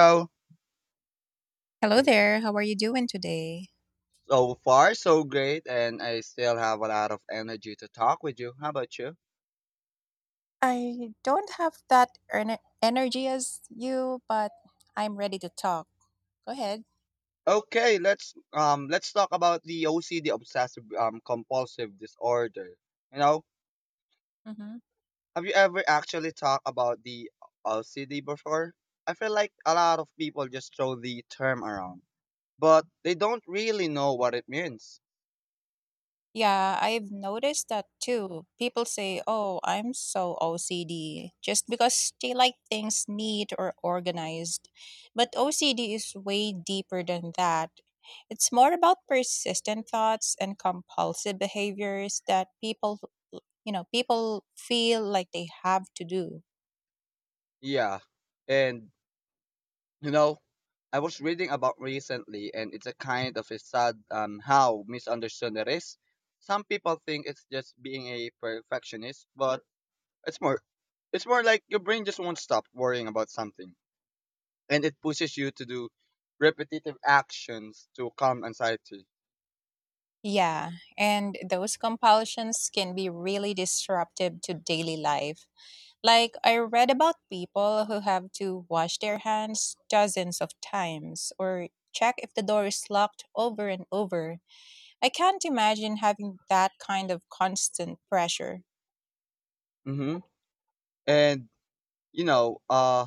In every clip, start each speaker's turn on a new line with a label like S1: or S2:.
S1: So
S2: Hello there. How are you doing today?
S1: so far, so great, and I still have a lot of energy to talk with you. How about you?
S2: I don't have that energy as you, but I'm ready to talk. Go ahead.
S1: Okay, let's talk about the OCD obsessive compulsive disorder. You know,
S2: Hmm.
S1: have you ever actually talked about the OCD before? I feel like a lot of people just throw the term around, but they don't really know what it means.
S2: Yeah, I've noticed that too. People say, oh, I'm so OCD just because they like things neat or organized. But OCD is way deeper than that. It's more about persistent thoughts and compulsive behaviors that people, people feel like they have to do.
S1: Yeah. And You know, I was reading about recently, and it's a kind of a sad how misunderstood it is. Some people think it's just being a perfectionist, but it's more, it's more like your brain just won't stop worrying about something, and it pushes you to do repetitive actions to calm anxiety.
S2: Yeah, and those compulsions can be really disruptive to daily life. Like, I read about people who have to wash their hands dozens of times or check if the door is locked over and over. I can't imagine having that kind of constant pressure.
S1: hmm And you know, uh,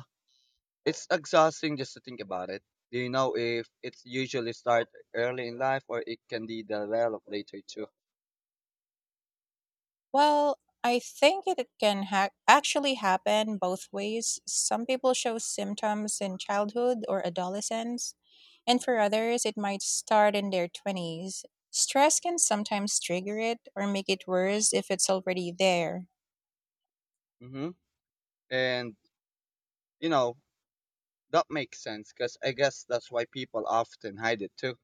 S1: it's exhausting just to think about it. Do you know if it's usually start early in life or it can be developed later too?
S2: Well, I think it can actually happen both ways. Some people show symptoms in childhood or adolescence. And for others, it might start in their 20s. Stress can sometimes trigger it or make it worse if it's already there.
S1: hmm And you know, That makes sense because I guess that's why people often hide it too,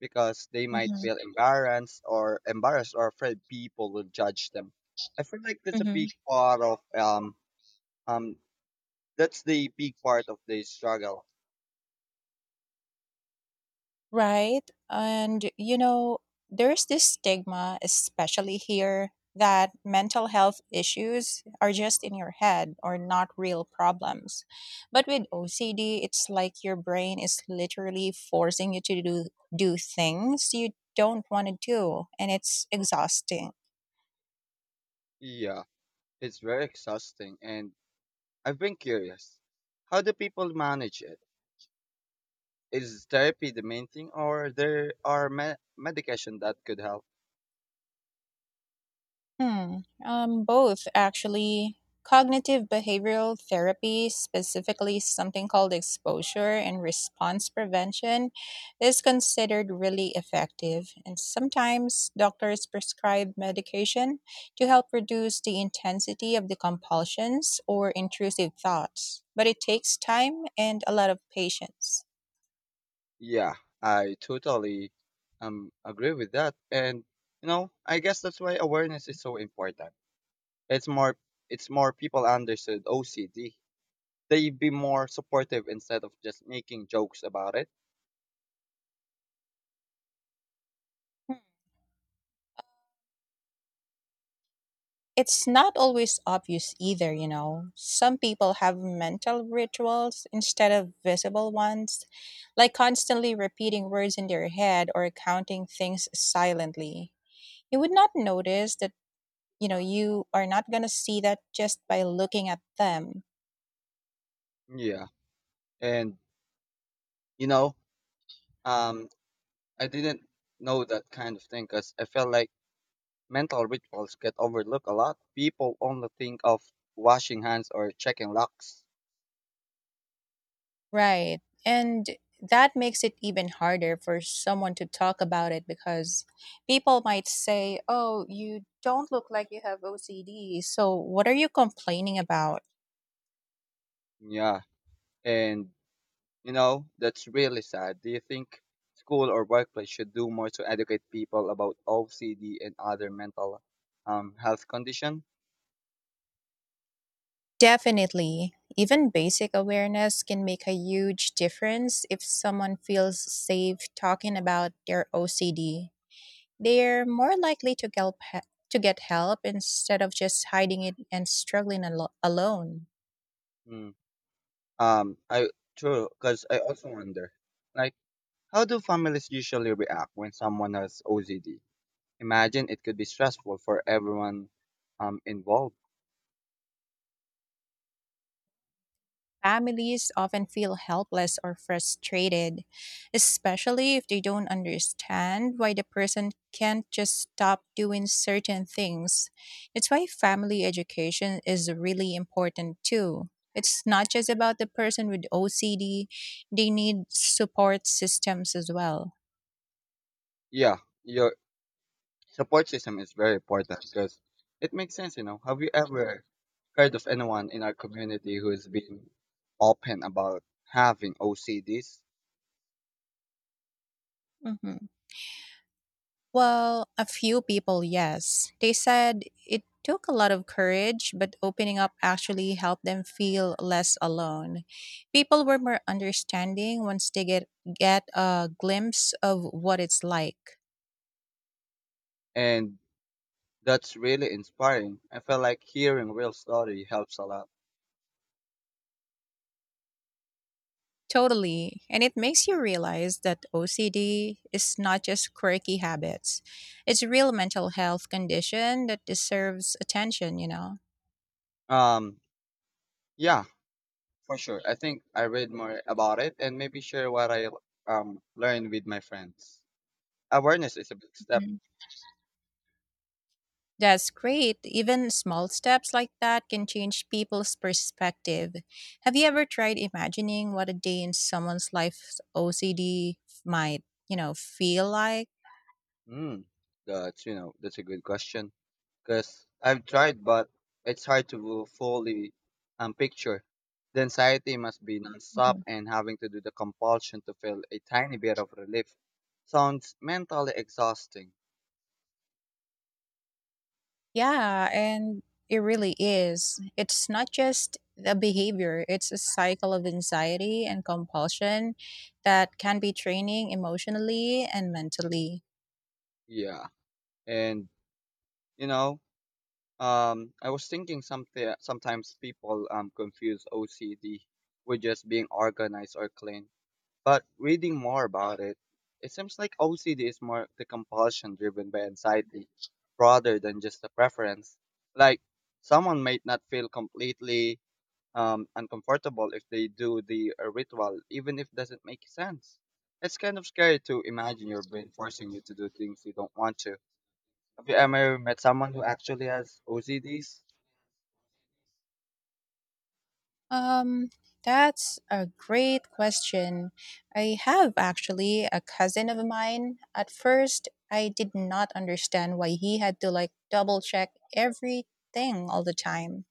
S1: because they might
S2: Mhm,
S1: feel embarrassed or embarrassed or afraid people will judge them. I feel like that's a
S2: mhm.
S1: big part of um that's the big part of the struggle.
S2: Right? And, you know, there's this stigma, especially here, that mental health issues are just in your head or not real problems. But with OCD, it's like your brain is literally forcing you to do things you don't want to do, and it's exhausting.
S1: Yeah, it's very exhausting, and I've been curious, how do people manage it? Is therapy the main thing, or there are medication that could help?
S2: Hmm. Both actually. Cognitive behavioral therapy, specifically something called exposure and response prevention, is considered really effective. And sometimes doctors prescribe medication to help reduce the intensity of the compulsions or intrusive thoughts. But it takes time and a lot of patience.
S1: Yeah, I totally agree with that. And you know, I guess that's why awareness is so important. It's more it's more people understood OCD. They'd be more supportive instead of just making jokes about it.
S2: It's not always obvious either, you know. Some people have mental rituals instead of visible ones, like constantly repeating words in their head or counting things silently. You would not notice that, you know, you are not going to see that just by looking at them.
S1: Yeah. And you know, um I didn't know that kind of thing cuz I felt like mental rituals get overlooked a lot. People only think of washing hands or checking locks.
S2: Right. And that makes it even harder for someone to talk about it because people might say, oh, you don't look like you have OCD. So what are you complaining about?
S1: Yeah. And that's really sad. Do you think school or workplace should do more to educate people about OCD and other mental health condition?
S2: Definitely. Even basic awareness can make a huge difference if someone feels safe talking about their OCD. They're more likely to to get help instead of just hiding it and struggling alone.
S1: Hmm. I True, because I also wonder, like, how do families usually react when someone has OCD? Imagine it could be stressful for everyone involved.
S2: Families often feel helpless or frustrated, especially if they don't understand why the person can't just stop doing certain things. It's why family education is really important too. It's not just about the person with OCD, they need support systems as well.
S1: Yeah, you Support system is very important because it makes sense, you know. Have you ever heard of anyone in our community who's been open about having OCDs?
S2: Mhm. Well, a few people, yes. They said it took a lot of courage, but opening up actually helped them feel less alone. People were more understanding once they get a glimpse of what it's like.
S1: And that's really inspiring. I feel like hearing real story helps a lot.
S2: Totally. And it makes you realize that OCD is not just quirky habits. It's a real mental health condition that deserves attention, you know.
S1: Um, yeah, for sure. I think I read more about it and maybe share what I learned with my friends. Awareness is a big step.
S2: That's great. Even small steps like that can change people's perspective. Have you ever tried imagining what a day in someone's life's OCD might, you know, feel like?
S1: Mm, that's you know that's a good question. Because I've tried, but it's hard to fully picture. The anxiety must be nonstop
S2: Mhm.
S1: and having to do the compulsion to feel a tiny bit of relief sounds mentally exhausting.
S2: Yeah, and it really is. It's not just the behavior, it's a cycle of anxiety and compulsion that can be draining emotionally and mentally.
S1: Yeah, and you know, I was thinking something. Sometimes people confuse OCD with just being organized or clean. But reading more about it, it seems like OCD is more the compulsion driven by anxiety rather than just a preference. Like someone might not feel completely uncomfortable if they do the ritual, even if it doesn't make sense. It's kind of scary to imagine your brain forcing you to do things you don't want to. Have you ever met someone who actually has OCDs?
S2: Um, that's a great question. I have actually a cousin of mine. At first, I did not understand why he had to like double check everything all the time.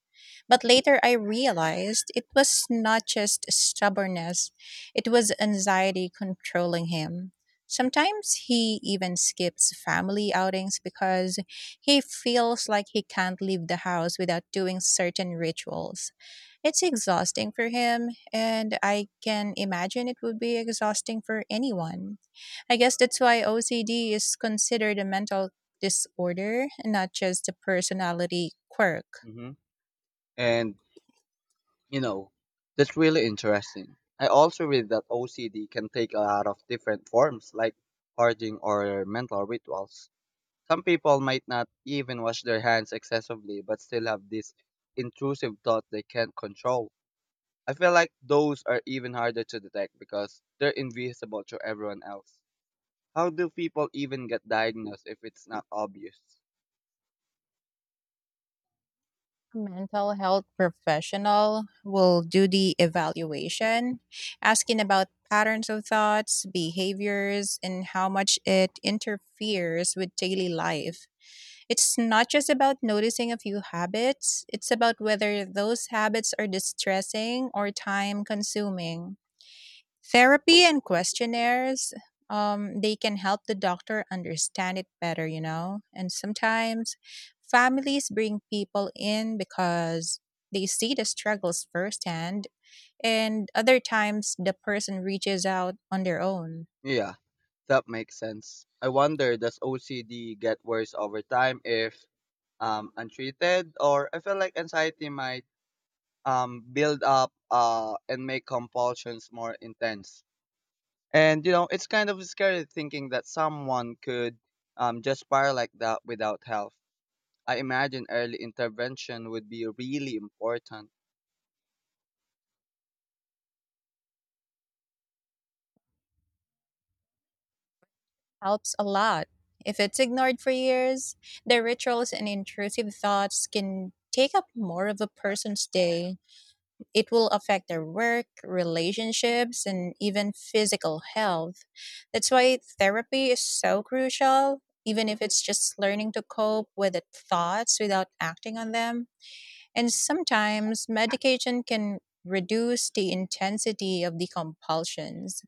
S2: But later I realized it was not just stubbornness, it was anxiety controlling him. Sometimes he even skips family outings because he feels like he can't leave the house without doing certain rituals. It's exhausting for him, and I can imagine it would be exhausting for anyone. I guess that's why OCD is considered a mental disorder, not just a personality quirk.
S1: hmm And You know, that's really interesting. I also read that OCD can take a lot of different forms, like hoarding or mental rituals. Some people might not even wash their hands excessively, but still have this intrusive thought they can't control. I feel like those are even harder to detect because they're invisible to everyone else. How do people even get diagnosed if it's not obvious?
S2: Mental health professional will do the evaluation, asking about patterns of thoughts, behaviors, and how much it interferes with daily life. It's not just about noticing a few habits, it's about whether those habits are distressing or time consuming. Therapy and questionnaires, they can help the doctor understand it better, you know. And sometimes families bring people in because they see the struggles firsthand, and other times the person reaches out on their own.
S1: Yeah, that makes sense. I wonder does OCD get worse over time if untreated, or I feel like anxiety might build up and make compulsions more intense. And you know, it's kind of scary thinking that someone could just spiral like that without help. I imagine early intervention would be really important.
S2: Helps a lot. If it's ignored for years, the rituals and intrusive thoughts can take up more of a person's day. It will affect their work, relationships, and even physical health. That's why therapy is so crucial, even if it's just learning to cope with the thoughts without acting on them. And sometimes medication can reduce the intensity of the compulsions,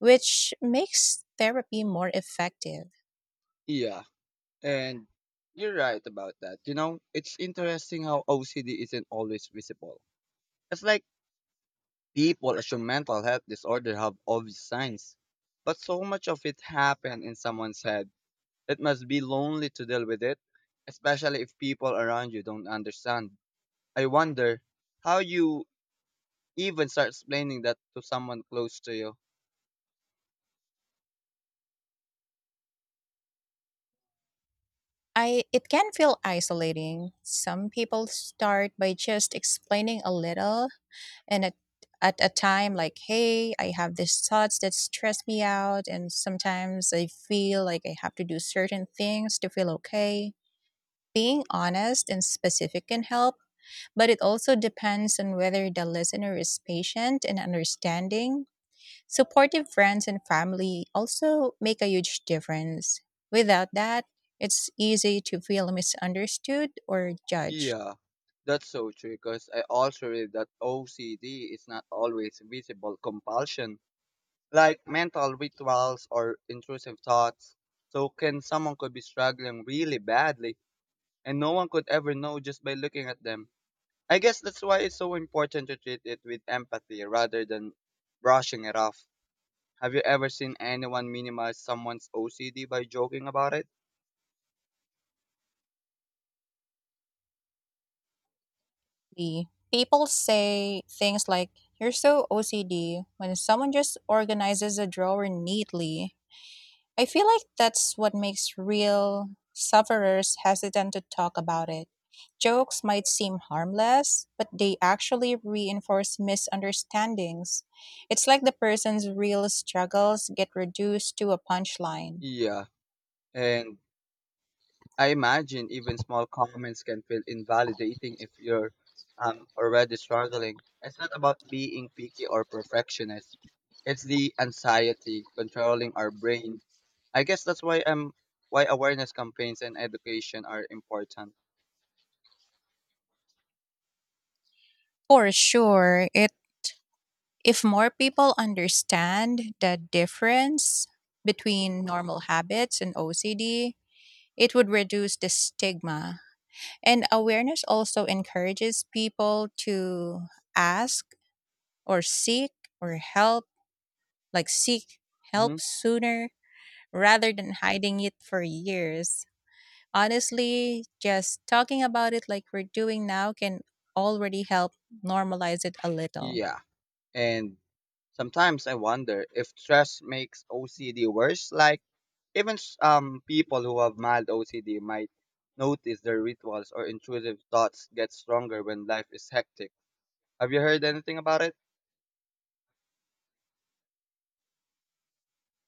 S2: which makes therapy more effective.
S1: Yeah, and you're right about that. You know, it's interesting how OCD isn't always visible. It's like people assume mental health disorder have obvious signs, but so much of it happen in someone's head. It must be lonely to deal with it, especially if people around you don't understand. I wonder how you even start explaining that to someone close to you.
S2: I it can feel isolating. Some people start by just explaining a little and at a time, like, hey, I have these thoughts that stress me out and sometimes I feel like I have to do certain things to feel okay. Being honest and specific can help, but it also depends on whether the listener is patient and understanding. Supportive friends and family also make a huge difference. Without that, it's easy to feel misunderstood or judged.
S1: Yeah, that's so true because I also read that OCD is not always visible compulsion, like mental rituals or intrusive thoughts. So can someone could be struggling really badly and no one could ever know just by looking at them. I guess that's why it's so important to treat it with empathy rather than brushing it off. Have you ever seen anyone minimize someone's OCD by joking about it?
S2: Exactly. People say things like, you're so OCD when someone just organizes a drawer neatly. I feel like that's what makes real sufferers hesitant to talk about it. Jokes might seem harmless, but they actually reinforce misunderstandings. It's like the person's real struggles get reduced to a punchline.
S1: Yeah, and I imagine even small comments can feel invalidating if you're already struggling. It's not about being picky or perfectionist. It's the anxiety controlling our brain. I guess that's why I'm Why awareness campaigns and education are important.
S2: For sure. If more people understand the difference between normal habits and OCD, it would reduce the stigma. And awareness also encourages people to ask or seek or help, like seek
S1: hmm
S2: help sooner rather than hiding it for years. Honestly, just talking about it like we're doing now can already help normalize it a little.
S1: Yeah. And sometimes I wonder if stress makes OCD worse. Like even people who have mild OCD might notice their rituals or intrusive thoughts get stronger when life is hectic. Have you heard anything about it?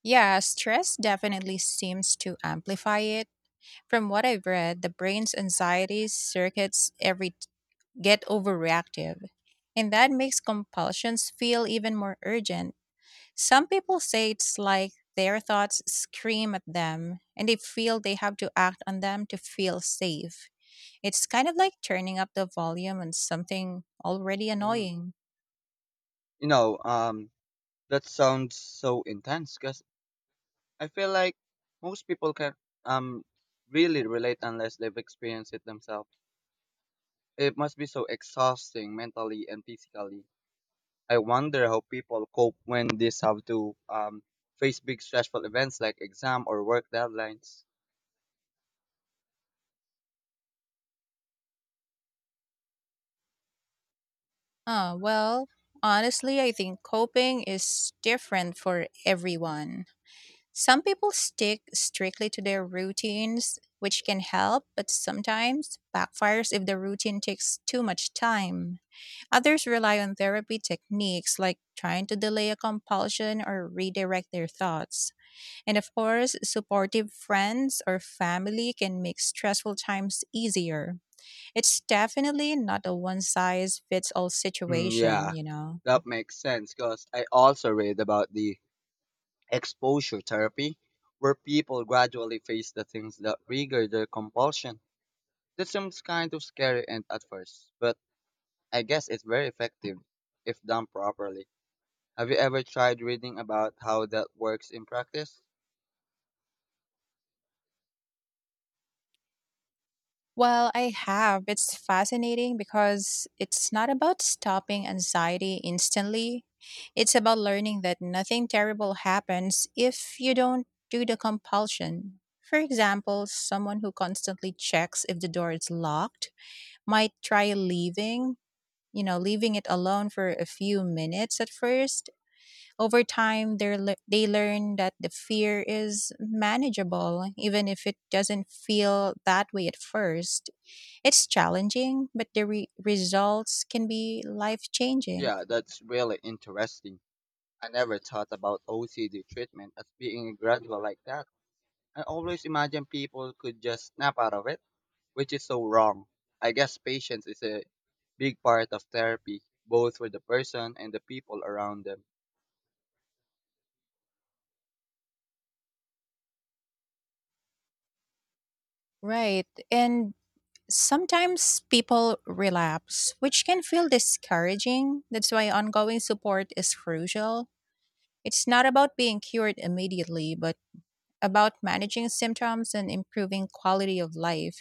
S2: Yeah, stress definitely seems to amplify it. From what I've read, the brain's anxiety circuits every get overreactive, and that makes compulsions feel even more urgent. Some people say it's like their thoughts scream at them, and they feel they have to act on them to feel safe. It's kind of like turning up the volume on something already
S1: Mm.
S2: annoying.
S1: You know, that sounds so intense because I feel like most people can um really relate unless they've experienced it themselves. It must be so exhausting mentally and physically. I wonder how people cope when they have to face big stressful events like exam or work deadlines.
S2: Ah, well, honestly, I think coping is different for everyone. Some people stick strictly to their routines, which can help, but sometimes backfires if the routine takes too much time. Others rely on therapy techniques like trying to delay a compulsion or redirect their thoughts. And of course, supportive friends or family can make stressful times easier. It's definitely not a one size fits all
S1: Hmm,
S2: situation,
S1: yeah,
S2: you know.
S1: that makes sense because I also read about the exposure therapy where people gradually face the things that trigger their compulsion. That seems kind of scary and at first, but I guess it's very effective if done properly. Have you ever tried reading about how that works in practice?
S2: Well, I have. It's fascinating because it's not about stopping anxiety instantly. It's about learning that nothing terrible happens if you don't do the compulsion. For example, someone who constantly checks if the door is locked might try leaving, you know, leaving it alone for a few minutes at first. Over time, they learn that the fear is manageable, even if it doesn't feel that way at first. It's challenging, but the results can be life changing.
S1: Yeah, that's really interesting. I never thought about OCD treatment as being gradual like that. I always imagined people could just snap out of it, which is so wrong. I guess patience is a big part of therapy, both for the person and the people around them.
S2: Right. And sometimes people relapse, which can feel discouraging. That's why ongoing support is crucial. It's not about being cured immediately, but about managing symptoms and improving quality of life.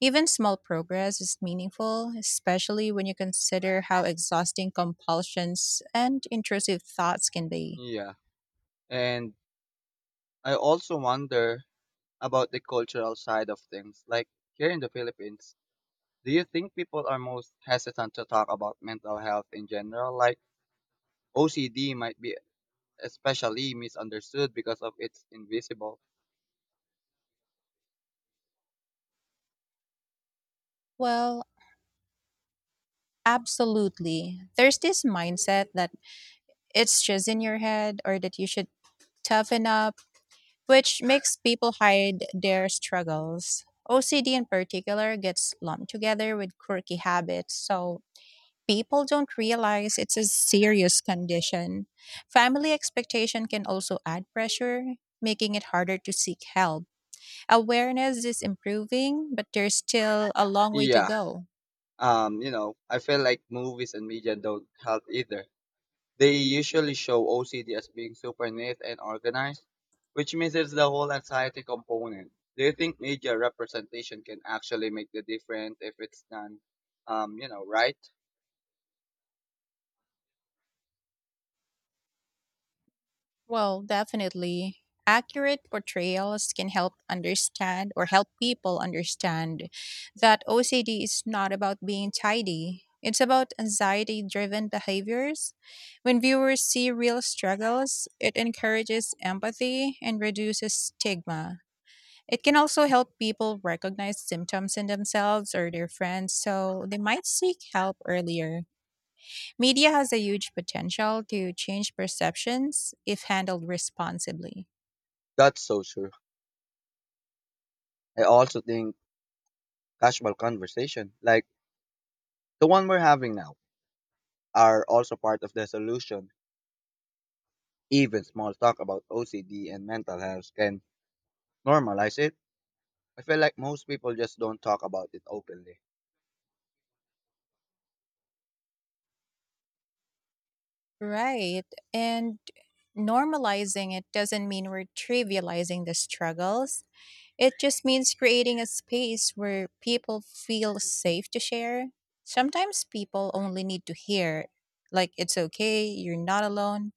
S2: Even small progress is meaningful, especially when you consider how exhausting compulsions and intrusive thoughts can be.
S1: Yeah. And I also wonder about the cultural side of things. Like here in the Philippines, do you think people are most hesitant to talk about mental health in general? Like OCD might be especially misunderstood because of its invisible.
S2: Well, absolutely. There's this mindset that it's just in your head or that you should toughen up, which makes people hide their struggles. OCD in particular gets lumped together with quirky habits, so people don't realize it's a serious condition. Family expectation can also add pressure, making it harder to seek help. Awareness is improving, but there's still a long way to
S1: Yeah.
S2: go.
S1: I feel like movies and media don't help either. They usually show OCD as being super neat and organized, which misses the whole anxiety component. Do you think media representation can actually make the difference if it's done, right?
S2: Well, definitely. Accurate portrayals can help understand or help people understand that OCD is not about being tidy. It's about anxiety driven behaviors. When viewers see real struggles, it encourages empathy and reduces stigma. It can also help people recognize symptoms in themselves or their friends so they might seek help earlier. Media has a huge potential to change perceptions if handled responsibly.
S1: That's so true. I also think casual conversation, like the one we're having now, are also part of the solution. Even small talk about OCD and mental health can normalize it. I feel like most people just don't talk about it openly.
S2: Right. And normalizing it doesn't mean we're trivializing the struggles. It just means creating a space where people feel safe to share. Sometimes people only need to hear, like, it's okay, you're not alone,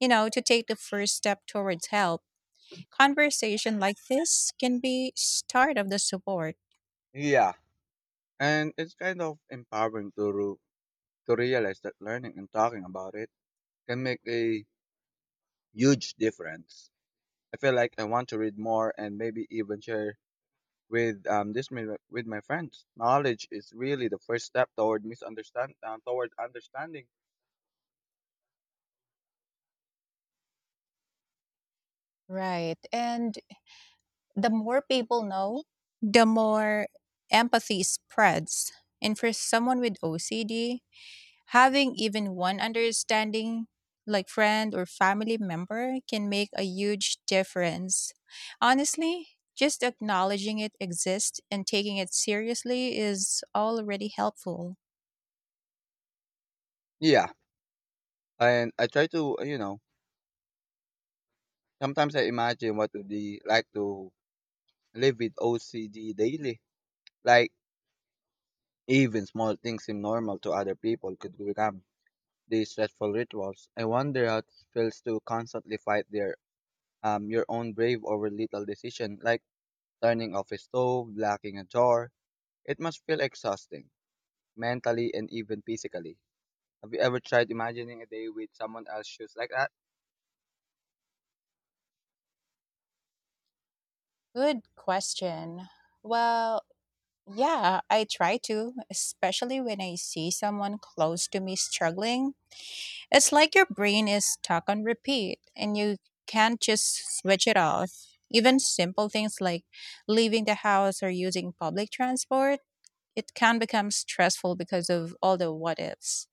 S2: you know, to take the first step towards help. Conversation like this can be start of the support.
S1: Yeah, and it's kind of empowering to realize that learning and talking about it can make a huge difference. I feel like I want to read more and maybe even share with with my friends. Knowledge is really the first step toward misunderstand toward understanding.
S2: Right. And the more people know, the more empathy spreads. And for someone with OCD, having even one understanding, like friend or family member, can make a huge difference. Honestly, just acknowledging it exists and taking it seriously is already helpful.
S1: Yeah, and I try to sometimes I imagine what would be like to live with OCD daily, like even small things seem normal to other people could become these stressful rituals. I wonder how it feels to constantly fight their your own brave over little decision like turning off a stove, locking a door. It must feel exhausting, mentally and even physically. Have you ever tried imagining a day with someone else's shoes like that?
S2: Good question. Well, yeah, I try to, especially when I see someone close to me struggling. It's like your brain is stuck on repeat and you can't just switch it off. Even simple things like leaving the house or using public transport, it can become stressful because of all the what ifs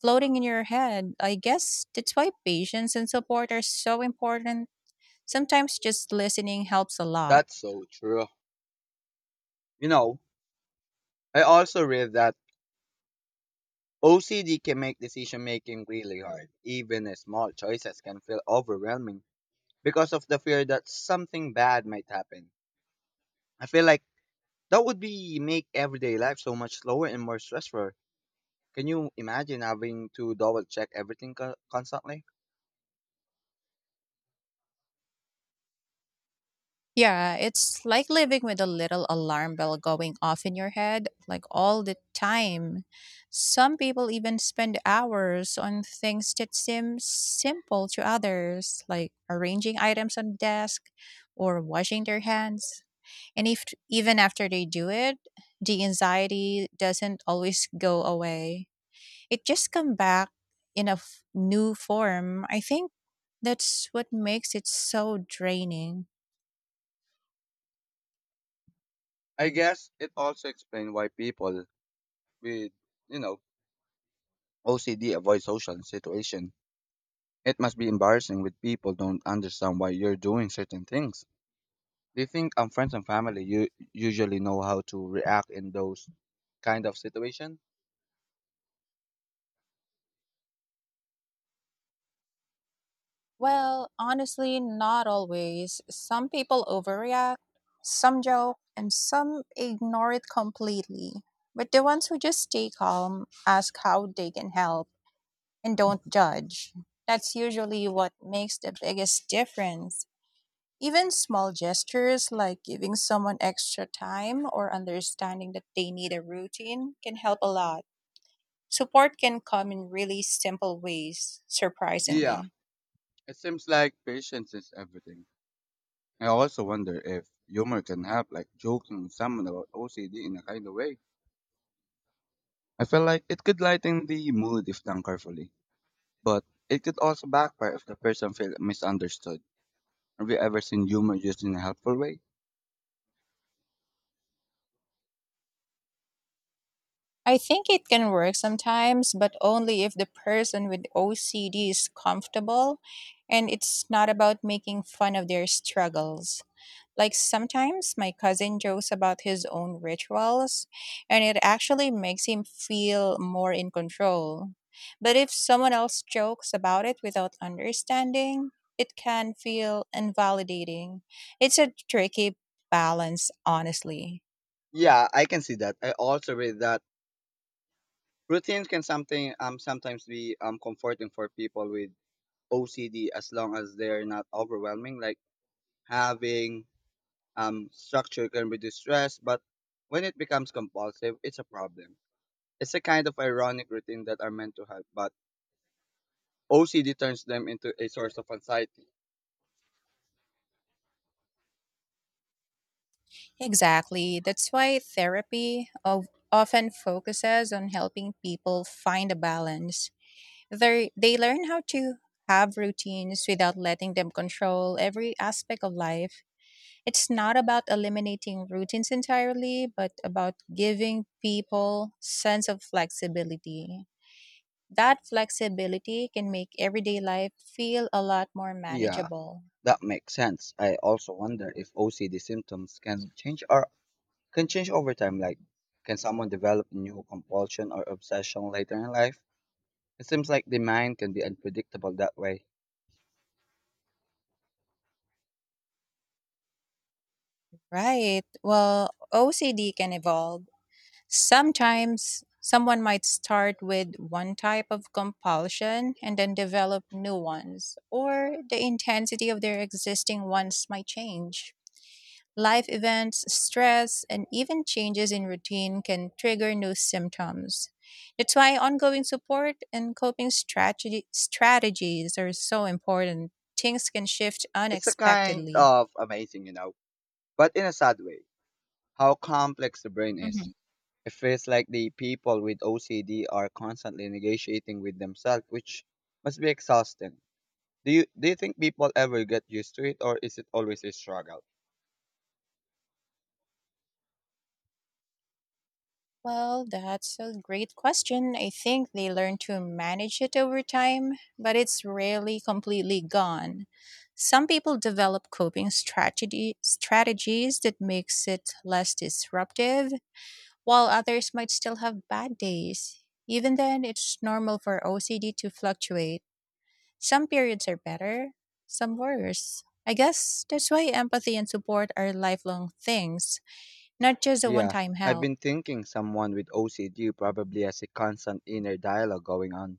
S2: floating in your head. I guess that's why patience and support are so important. Sometimes just listening helps a lot.
S1: That's so true. You know, I also read that OCD can make decision making really hard. Even small choices can feel overwhelming because of the fear that something bad might happen. I feel like that would be make everyday life so much slower and more stressful. Can you imagine having to double check everything constantly?
S2: Yeah, it's like living with a little alarm bell going off in your head, like all the time. Some people even spend hours on things that seem simple to others, like arranging items on desk or washing their hands. And if even after they do it, the anxiety doesn't always go away. It just come back in a new form. I think that's what makes it so draining.
S1: I guess it also explains why people with, you know, OCD avoid social situation. It must be embarrassing when people don't understand why you're doing certain things. They think friends and family you usually know how to react in those kind of situation.
S2: Well, honestly, not always. Some people overreact, some joke, and some ignore it completely. But the ones who just stay calm, ask how they can help, and don't judge. That's usually what makes the biggest difference. Even small gestures like giving someone extra time or understanding that they need a routine can help a lot. Support can come in really simple ways,
S1: Yeah,
S2: surprisingly.
S1: it seems like patience is everything. I also wonder if humor can help, like joking with someone about OCD in a kind of way. I feel like it could lighten the mood if done carefully, but it could also backfire if the person feels misunderstood. Have you ever seen humor used in a helpful way?
S2: I think it can work sometimes, but only if the person with OCD is comfortable and it's not about making fun of their struggles. Like sometimes my cousin jokes about his own rituals, and it actually makes him feel more in control. But if someone else jokes about it without understanding, it can feel invalidating. It's a tricky balance, honestly.
S1: Yeah, I can see that. I also read that routines can something sometimes be comforting for people with OCD as long as they're not overwhelming. Like having structure can reduce stress, but when it becomes compulsive, it's a problem. It's a kind of ironic routine that are meant to help, but OCD turns them into a source of anxiety.
S2: Exactly. That's why therapy of often focuses on helping people find a balance. They learn how to have routines without letting them control every aspect of life. It's not about eliminating routines entirely, but about giving people sense of flexibility. That flexibility can make everyday life feel a lot more
S1: Yeah,
S2: manageable.
S1: that makes sense. I also wonder if OCD symptoms can change over time. Like, can someone develop a new compulsion or obsession later in life? It seems like the mind can be unpredictable that way.
S2: Right. Well, OCD can evolve. Sometimes someone might start with one type of compulsion and then develop new ones, or the intensity of their existing ones might change. Life events, stress, and even changes in routine can trigger new symptoms. That's why ongoing support and strategies are so important. Things can shift
S1: It's a kind
S2: unexpectedly.
S1: of amazing, you know, but in a sad way, how complex the brain is. It feels like the people with OCD are constantly negotiating with themselves, which must be exhausting. Do you think people ever get used to it or is it always a struggle?
S2: Well, that's a great question. I think they learn to manage it over time, but it's rarely completely gone. Some people develop strategies that makes it less disruptive, while others might still have bad days. Even then, it's normal for OCD to fluctuate. Some periods are better, some worse. I guess that's why empathy and support are lifelong things, not just a
S1: Yeah,
S2: one-time
S1: I've
S2: help.
S1: been thinking someone with OCD probably has a constant inner dialogue going on.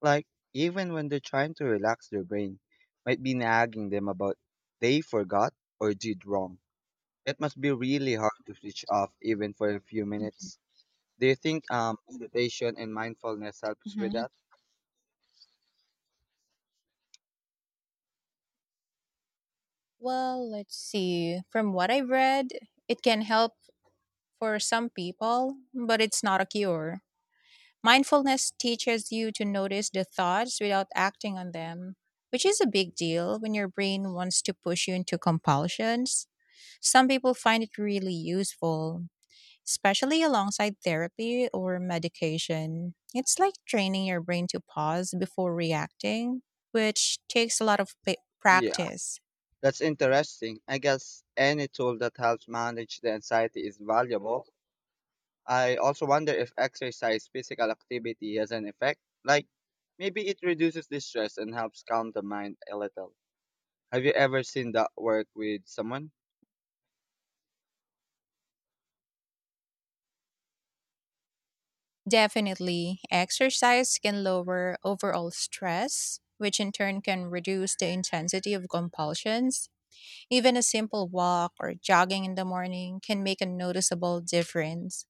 S1: Like, even when they're trying to relax their brain, might be nagging them about they forgot or did wrong. It must be really hard to switch off even for a few minutes. Do you think meditation and mindfulness helps with
S2: Mhm.
S1: that?
S2: Well, let's see. From what I've read, it can help for some people, but it's not a cure. Mindfulness teaches you to notice the thoughts without acting on them, which is a big deal when your brain wants to push you into compulsions. Some people find it really useful, especially alongside therapy or medication. It's like training your brain to pause before reacting, which takes a lot of
S1: Yeah,
S2: practice.
S1: that's interesting. I guess any tool that helps manage the anxiety is valuable. I also wonder if exercise, physical activity has an effect. Like maybe it reduces the stress and helps calm the mind a little. Have you ever seen that work with someone?
S2: Definitely, exercise can lower overall stress, which in turn can reduce the intensity of compulsions. Even a simple walk or jogging in the morning can make a noticeable difference.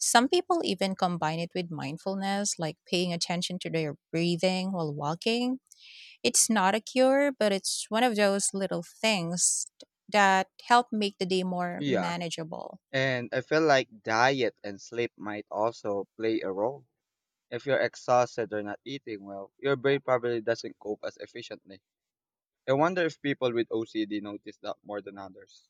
S2: Some people even combine it with mindfulness, like paying attention to their breathing while walking. It's not a cure, but it's one of those little things that help make the day more
S1: Yeah.
S2: manageable.
S1: And I feel like diet and sleep might also play a role. If you're exhausted or not eating well, your brain probably doesn't cope as efficiently. I wonder if people with OCD notice that more than others.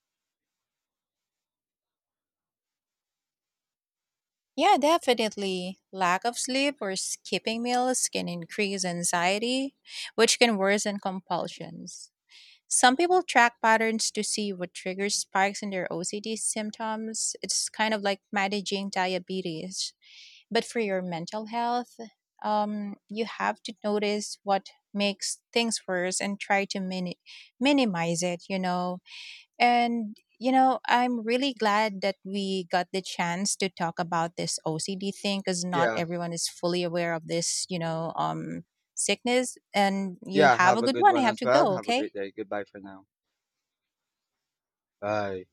S2: Yeah, definitely. Lack of sleep or skipping meals can increase anxiety, which can worsen compulsions. Some people track patterns to see what triggers spikes in their OCD symptoms. It's kind of like managing diabetes. But for your mental health, you have to notice what makes things worse and try to minimize it, you know. And, you know, I'm really glad that we got the chance to talk about this OCD thing because not
S1: Yeah.
S2: everyone is fully aware of this, you know, sickness. And you
S1: Yeah,
S2: have
S1: have
S2: a
S1: a
S2: good
S1: good
S2: one. I
S1: one
S2: have
S1: as
S2: to
S1: well.
S2: go.
S1: Have a
S2: Okay.
S1: great day. Goodbye for now. Bye.